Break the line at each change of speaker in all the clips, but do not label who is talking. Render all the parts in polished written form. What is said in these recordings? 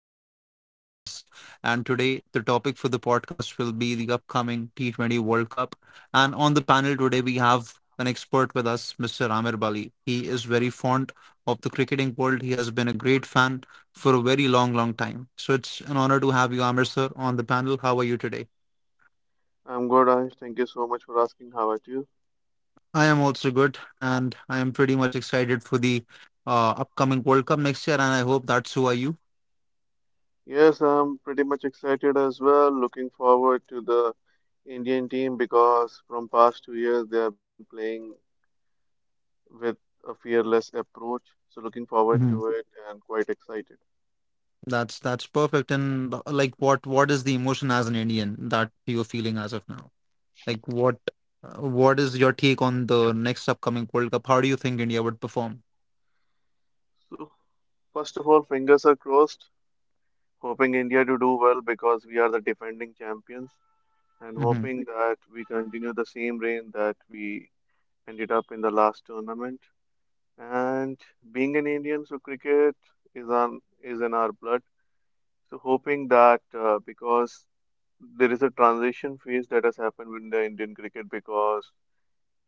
to our new podcast. And today, the topic for the podcast will be the upcoming T20 World Cup. And on the panel today, we have an expert with us, Mr. Amir Bali. He is very fond of the cricketing world. He has been a great fan for a very long, long time. So it's an honor to have you, Amir sir, on the panel. How are you today?
I'm good, Ayush. Thank you so much for asking. How about you?
I am also good, and I am pretty much excited for the upcoming World Cup next year, and I hope that so are you.
Yes, I'm pretty much excited as well. Looking forward to the Indian team because from past 2 years they have been playing with a fearless approach. So looking forward to it and quite excited.
That's perfect. And like, what is the emotion as an Indian that you're feeling as of now? Like, what is your take on the next upcoming World Cup? How do you think India would perform?
So first of all, fingers are crossed, hoping India to do well because we are the defending champions and
hmm
hoping that we continue the same reign that we ended up in the last tournament. And being an Indian, so cricket is in our blood. So hoping that because there is a transition phase that has happened with the Indian cricket because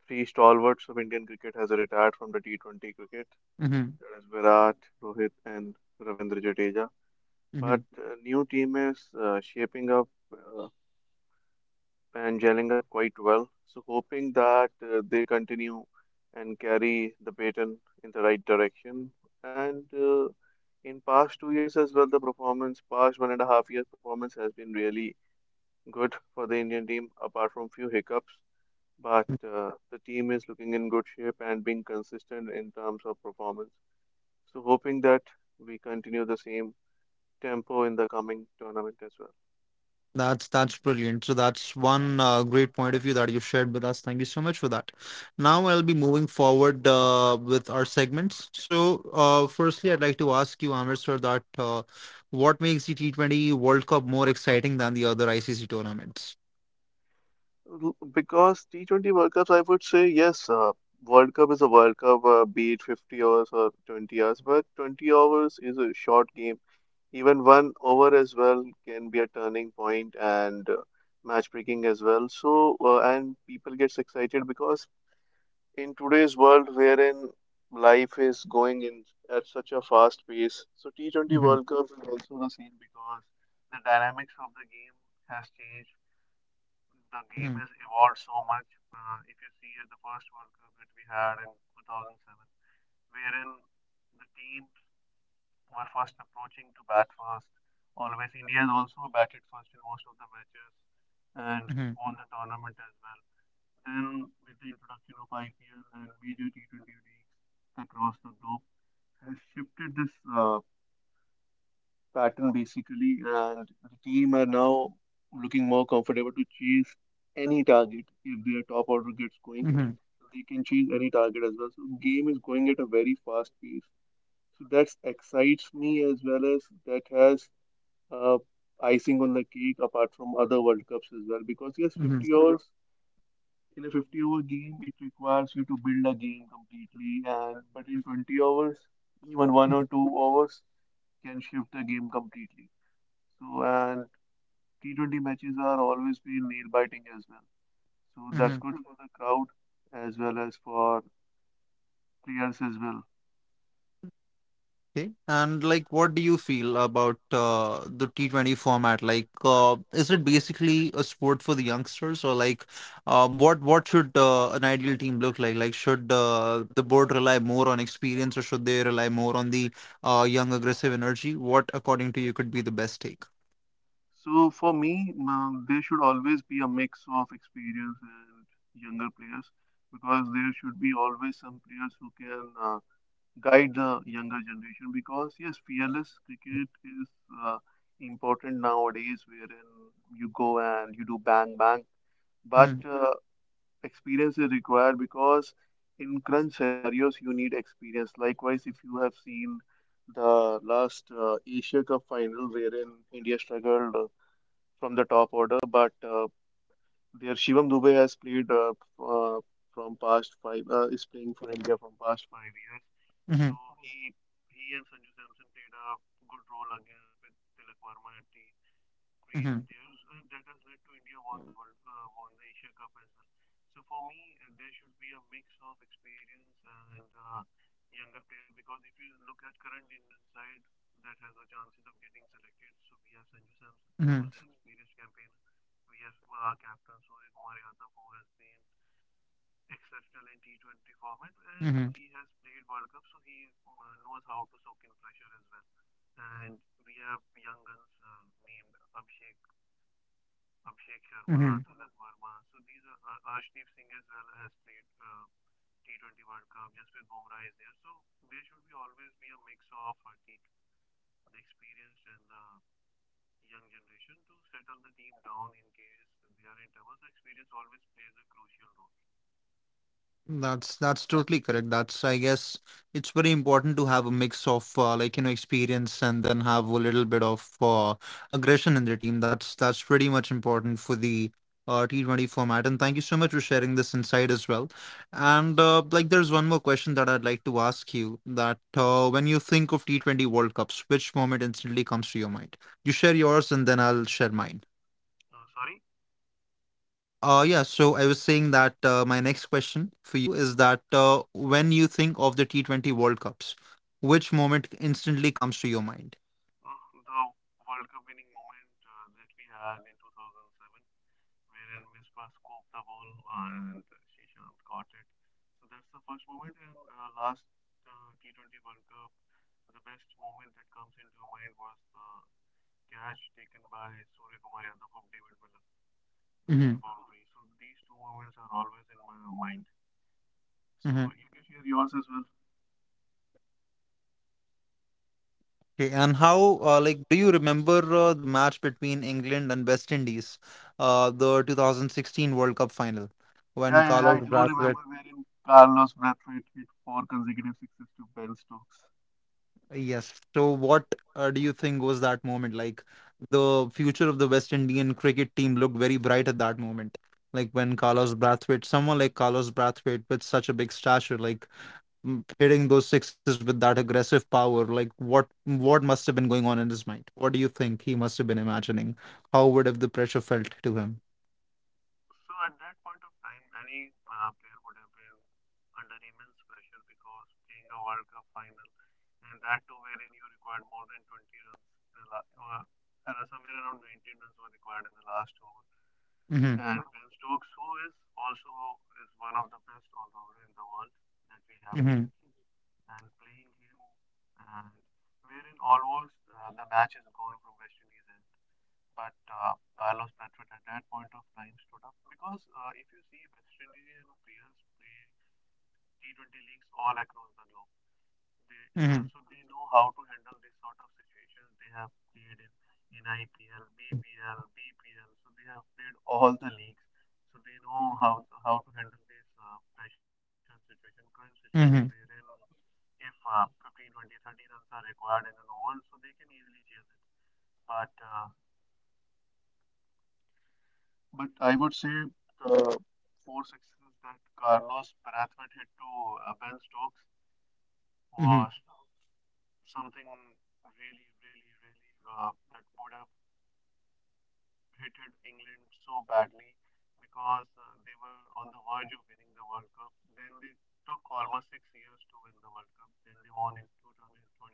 three stalwarts of Indian cricket has retired from the T20 cricket.
hmm
That is Virat, Rohit, and Ravindra Jadeja.
hmm
But New team is shaping up uh, and gelling up quite well. So hoping that they continue and carry the baton in the right direction. And in past 2 years as well, past 1.5 years performance has been really good for the Indian team, apart from few hiccups. But The team is looking in good shape and being consistent in terms of performance. So hoping that we continue the same tempo in the coming tournament as well.
that's brilliant. So that's one great point of view that you shared with us. Thank you so much for that. Now I'll be moving forward with our segments. So, firstly, I'd like to ask you, Amir sir, that what makes the T20 World Cup more exciting than the other ICC tournaments?
Because T20 World Cups, I would say yes. World Cup is a World Cup, be it 50 hours or 20 hours, but 20 hours is a short game. Even one over as well can be a turning point and match breaking as well. And people gets excited because in today's world wherein life is going in at such a fast pace, so T20
Mm-hmm.
World Cup will also give us the all of the matches.
Mhm,
And with the introduction of IPL and major T20 leagues across the globe, has shifted this uh, pattern basically, and the team are now looking more comfortable to chase any target if their top order gets going.
mhm,
They can chase any target as well. So game is going at a very fast pace. So that excites me as well as that has uh, icing on the cake apart from other World Cups as well. Because yes,
mhm,
50 overs in a 50 over game it requires you to build a game completely and but in 20 hours even one
mhm,
or two hours can shift the game completely. So and T20 matches are always been nail biting as well, so
mhm.
that's good for the crowd as well as for players as well.
Okay. And like, what do you feel about the T20 format? Like, is it basically a sport for the youngsters, or like, what should an ideal team look like? Like, should the board rely more on experience, or should they rely more on the young aggressive energy? What, according to you, could be the best take?
So for me, there should always be a mix of experience and younger players because there should be always some players who can guide the younger generation. Because yes, fearless cricket is uh, important nowadays, wherein you go and you do bang bang, but
Mm-hmm,
experience is required because in crunch scenarios you need experience. Likewise, if you have seen the last Asia Cup final wherein India struggled from the top order. But there Shivam Dubey has played uh, from past five is playing for India from past 5 years.
mm-hmm, mm-hmm, mm-hmm, Mm-hmm. That's totally correct. That's, I guess, it's very important to have a mix of like you know experience and then have a little bit of aggression in the team. That's pretty much important for the T20 format. And thank you so much for sharing this insight as well. And like there's one more question that I'd like to ask you that when you think of T20 World Cups, which moment instantly comes to your mind? You share yours and then I'll share mine. Yeah, so I was saying that my next question for you is that when you think of the T20 World Cups, which moment instantly comes to your mind?
Uh, Catch taken by Surya Kumar Yadav from David Miller at
hmm
the boundary. So these two moments are always in my mind. So
hmm
you can share yours as well.
Okay, and how, like, do you remember the match between England and West Indies, the 2016 World Cup final, when
Yeah, yeah,
Carlos
I do
Brathwaite.
remember wherein Carlos Brathwaite hit four consecutive sixes to Ben Stokes.
Yes. So, what do you think was that moment? Like, the future of the West Indian cricket team looked very bright at that moment. Like, when Carlos Brathwaite, someone like Carlos Brathwaite with such a big stature, like hitting those sixes with that aggressive power, like, what must have been going on in his mind? What do you think he must have been imagining? How would have the pressure felt to him? Mm-hmm.
And Ben Stokes, who is also is one of the best all-rounder in the world.
Mm-hmm. Mm-hmm. Mm-hmm.
But I would say the four sixes that Carlos to Ben Stokes
Mm-hmm.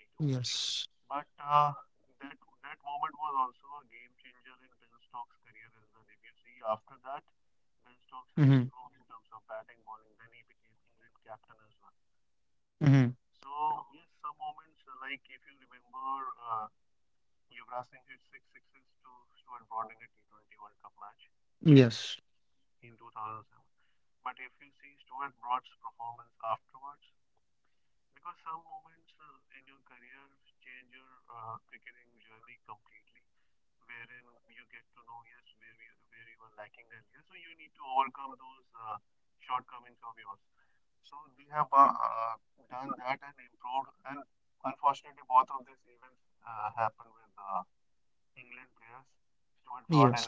Yes. Mm-hmm. Mm-hmm. Yes. Yes.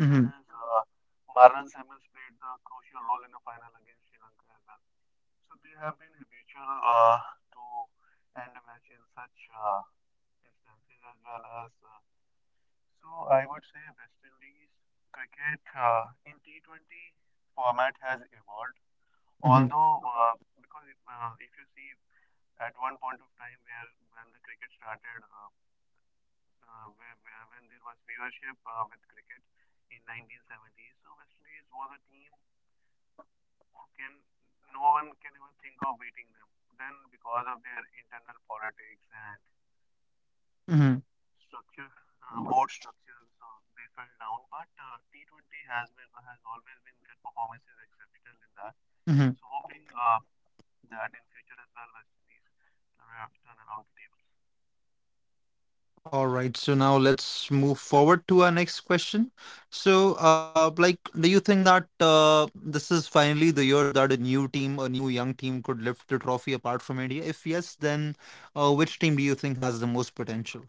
Mm-hmm. Mm-hmm. Mm-hmm. All right, so now let's move forward to our next question. So, like, do you think that this is finally the year that a new team, a new young team could lift the trophy apart from India? If yes, then which team do you think has the most potential?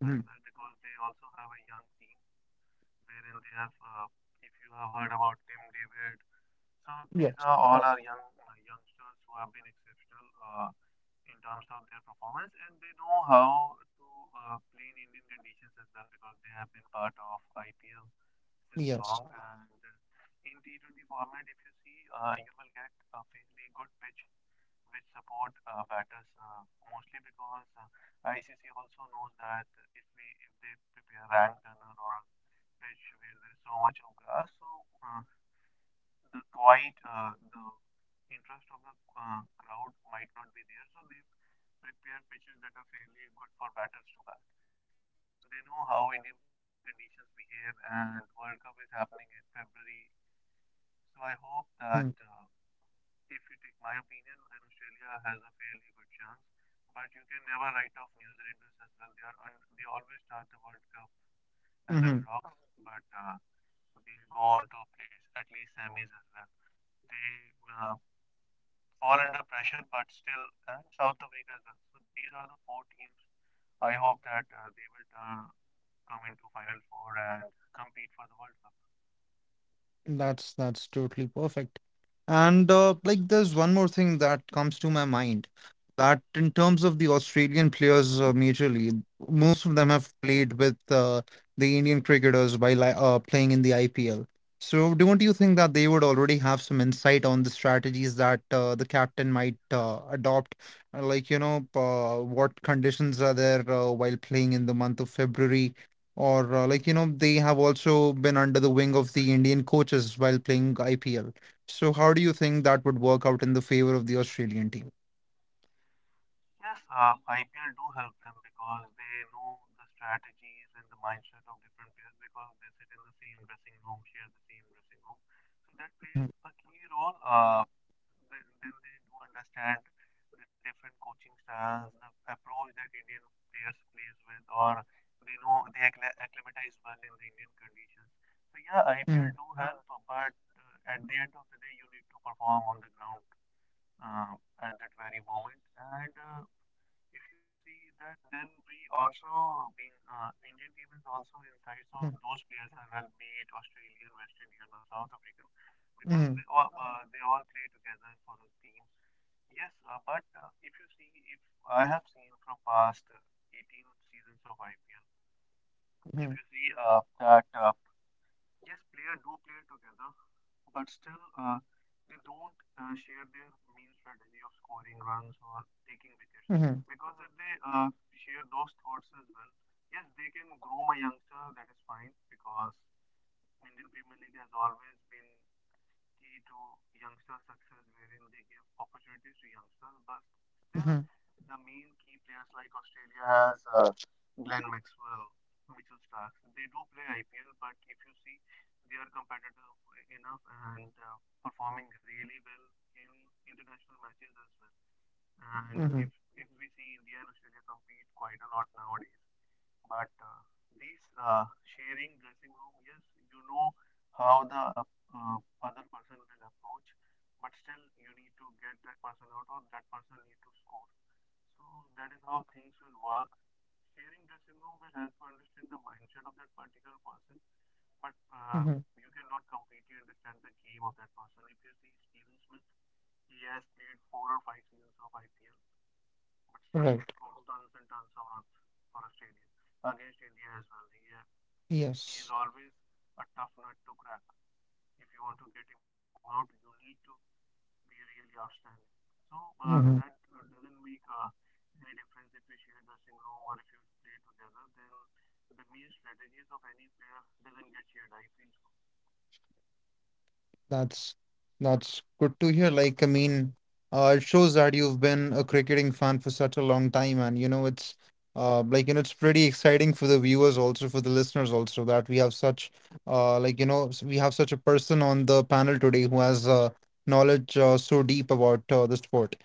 Mhm. Yes, yes. Mm-hmm. That's totally perfect. And like there's one more thing that comes to my mind that in terms of the Australian players majorly, most of them have played with the Indian cricketers while playing in the IPL. So don't you think that they would already have some insight on the strategies that the captain might adopt? Like, you know, what conditions are there while playing in the month of February? Or like you know they have also been under the wing of the Indian coaches while playing IPL. So how do you think that would work out in the favor of the Australian team? Mhm, mhm, mhm, mhm, mhm, mhm, mhm, mhm, mhm. Right. Yes. Hmm. That's that's good to hear. Like, I mean, it shows that you've been a cricketing fan for such a long time, and you know, it's like you know, it's pretty exciting for the viewers also, for the listeners also, that we have such like you know, we have such a person on the panel today who has knowledge so deep about the sport.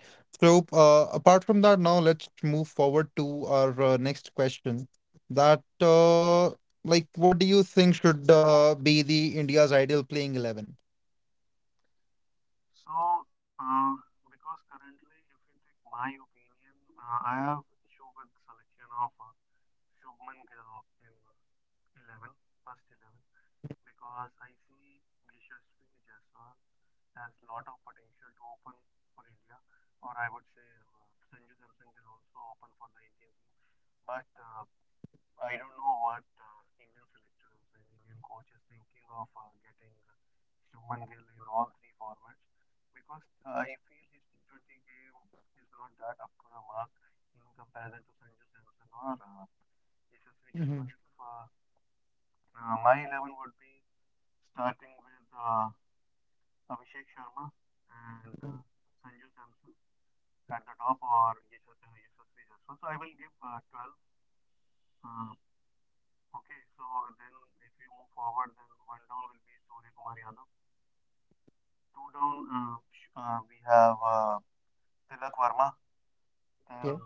So, apart from that, now let's move forward to our next question. That like, what do you think should be the India's ideal playing 11? Mhm, mhm, Yeah.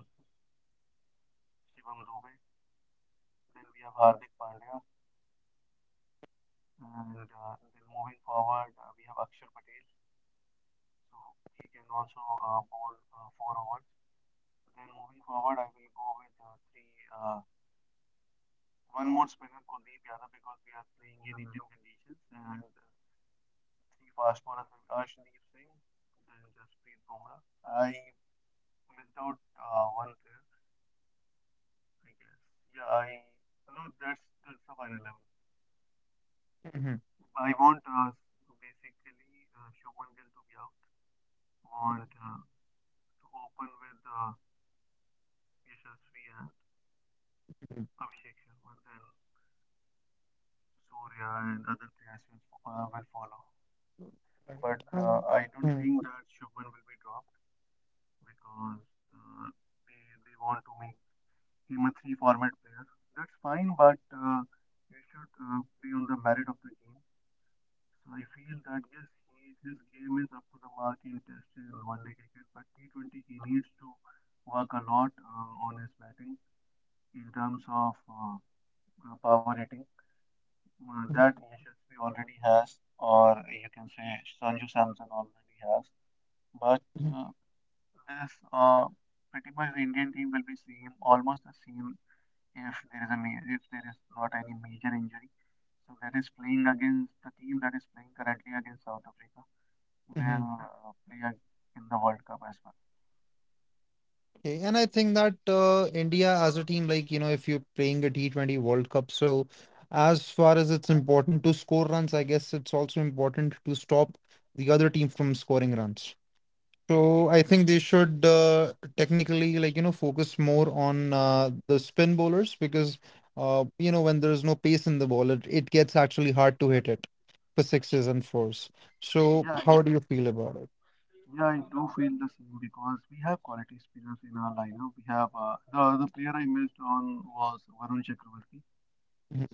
Mhm, mhm. Right. I- Mhm, mhm, mhm, mhm. Okay. And I think that India as a team, like, you know, if you're playing a T20 World Cup, so as far as it's important to score runs, I guess it's also important to stop the other team from scoring runs. So I think they should technically like you know focus more on the spin bowlers because you know when there's no pace in the ball it gets actually hard to hit it for sixes and fours. So how do you feel about it?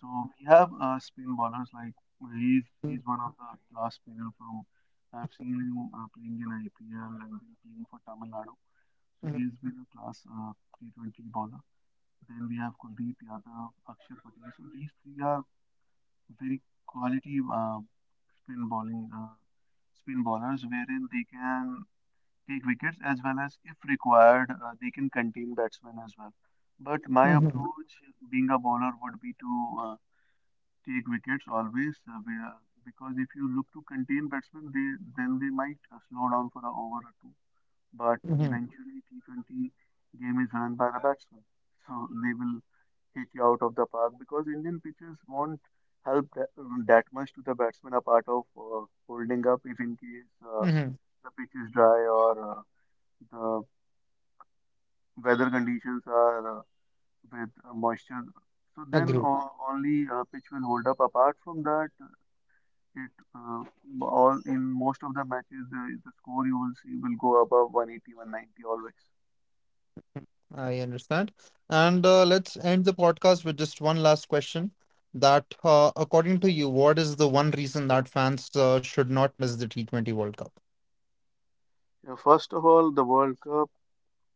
Mm-hmm. hmm hmm
weather. So then
Agreed.
only pitch will hold up. Apart from that, it all in most of the matches the score you will see will go above one eighty one ninety always.
I understand. And let's end the podcast with just one last question. That according to you, what is the one reason that fans should not miss the T20 World Cup?
Yeah, first of all, the World Cup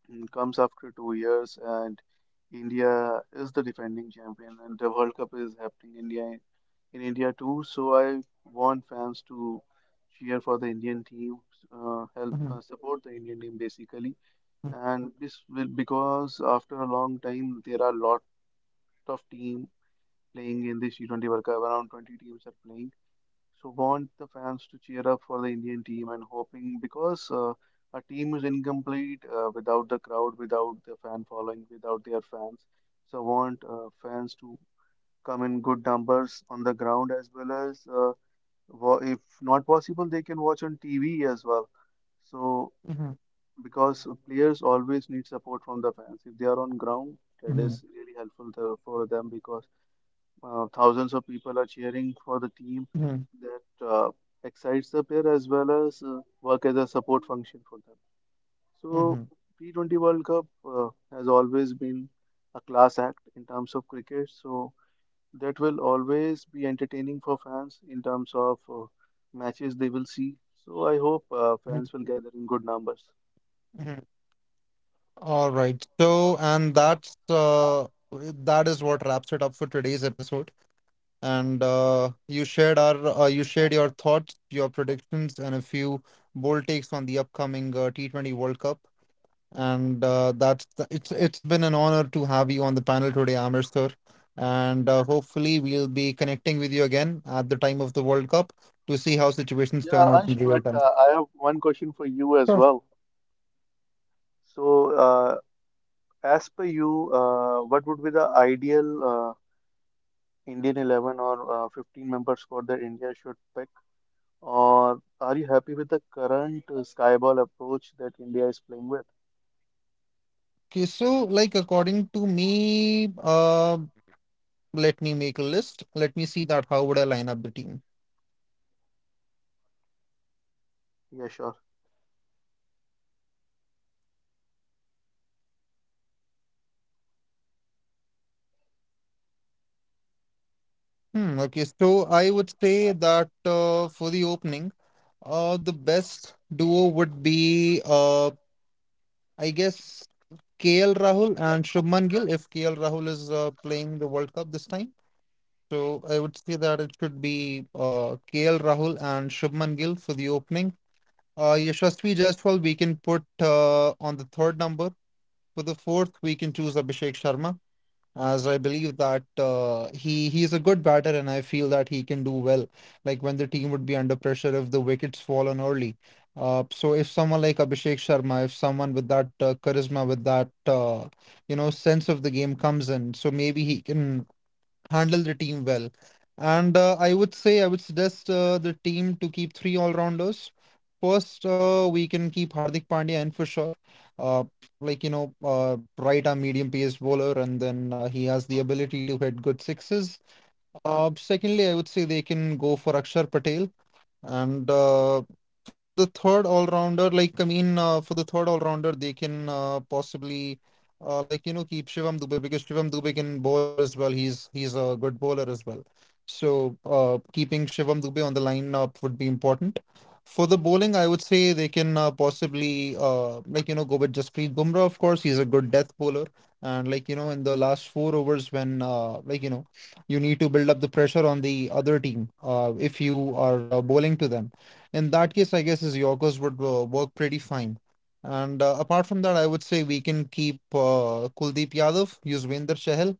comes after 2 years, and India is the defending champion, and the World Cup is happening India in India too. So I want fans to cheer for the Indian team, help
hmm
support the Indian team basically, and this will because after a long time there are lot of team playing in this T20 World Cup. Around 20 teams are playing. So want the fans to cheer up for the Indian team and hoping because a team is incomplete without the crowd, without the fan following, without their fans. So want fans to come in good numbers on the ground as well as if not possible, they can watch on TV as well. So
hmm
because players always need support from the fans. If they are on ground, that is really helpful for them because thousands of people are cheering for the team,
hmm
that excites the player as well as work as a support function for them.
Mm-hmm.
So T20 World Cup has always been a class act in terms of cricket. So that will always be entertaining for fans in terms of matches they will see. So I hope
Mm-hmm.
fans will gather in good numbers.
Mm-hmm. All right. So, and that is what wraps it up for today's episode. And you shared your thoughts, your predictions, and a few bold takes on the upcoming T20 World Cup. And it's been an honor to have you on the panel today, Amir sir. And hopefully we'll be connecting with you again at the time of the World Cup to see how situations
Yeah,
turn out
Ansh,
in real
but
time.
I have one question for you as well. So as per you, what would be the ideal Indian 11 or 15-member squad that India should pick? Or are you happy with the current skyball approach that India is playing with?
Okay, so like according to me, let me make a list. Let me see that how would I line up the team.
Yeah, sure.
Hmm, okay, so I would say that for the opening, the best duo would be I guess KL Rahul and Shubman Gill if KL Rahul is playing the World Cup this time. So I would say that it should be KL Rahul and Shubman Gill for the opening. Yashasvi Jaiswal we can put on the third number. For the fourth, we can choose Abhishek Sharma, as I believe that he is a good batter, and I feel that he can do well. Like when the team would be under pressure if the wickets fall on early. So if someone like Abhishek Sharma, if someone with that charisma, with that you know sense of the game comes in, so maybe he can handle the team well. And I would suggest the team to keep three all-rounders. First, we can keep Hardik Pandya in for sure. Uh, like you know, right arm medium-paced bowler, and then he has the ability to hit good sixes. Secondly, I would say they can go for Akshar Patel, and for the third all rounder, like I mean, for the third all rounder, they can possibly like you know keep Shivam Dubey because Shivam Dubey can bowl as well. He's a good bowler as well. So keeping Shivam Dubey on the lineup would be important. For the bowling, I would say they can possibly like you know go with Jasprit Bumrah. Of course, he's a good death bowler, and like you know in the last four overs when like you know you need to build up the pressure on the other team if you are bowling to them. In that case, I guess his Yorkers would work pretty fine. And apart from that, I would say we can keep Kuldeep Yadav, Yuzvendra Chahal,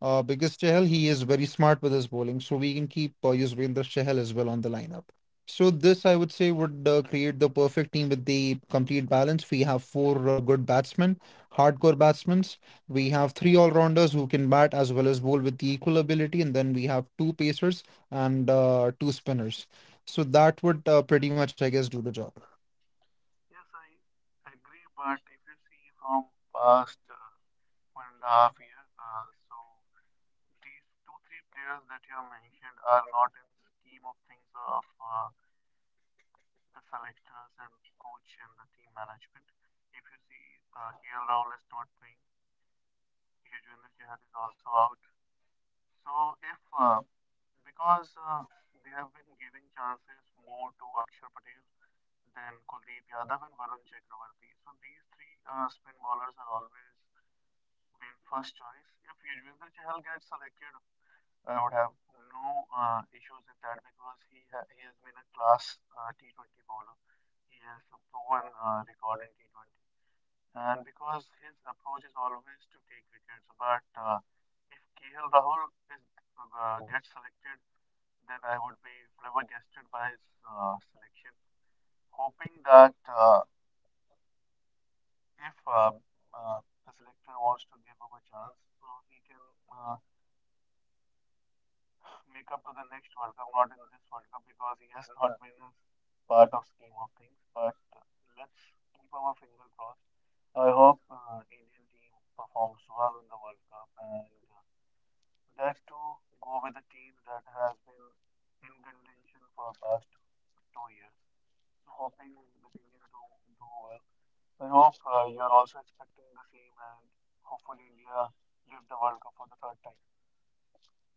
because Chahal, he is very smart with his bowling, so we can keep Yuzvendra Chahal as well on the lineup. So this, I would say, would create the perfect team with the complete balance. We have four good batsmen, hardcore batsmen. We have three all-rounders who can bat as well as bowl with the equal ability, and then we have two pacers and two spinners. So that would pretty much, I guess, do the job.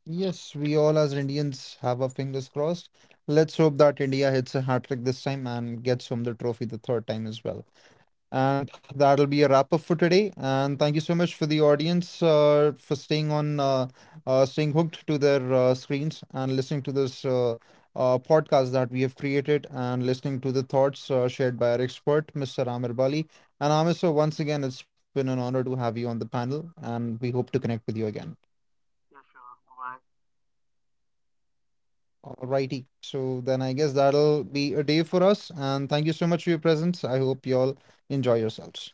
Yes, we all as Indians have our fingers crossed. Let's hope that India hits a hat trick this time and gets home the trophy the third time as well. And that'll be a wrap up for today. And thank you so much for the audience for staying hooked to their screens and listening to this podcast that we have created and listening to the thoughts shared by our expert, Mr. Amir Bali. And Amir, so once again, it's been an honor to have you on the panel, and we hope to connect with you again. Alrighty. So then I guess that'll be a day for us. And thank you so much for your presence. I hope you all enjoy yourselves.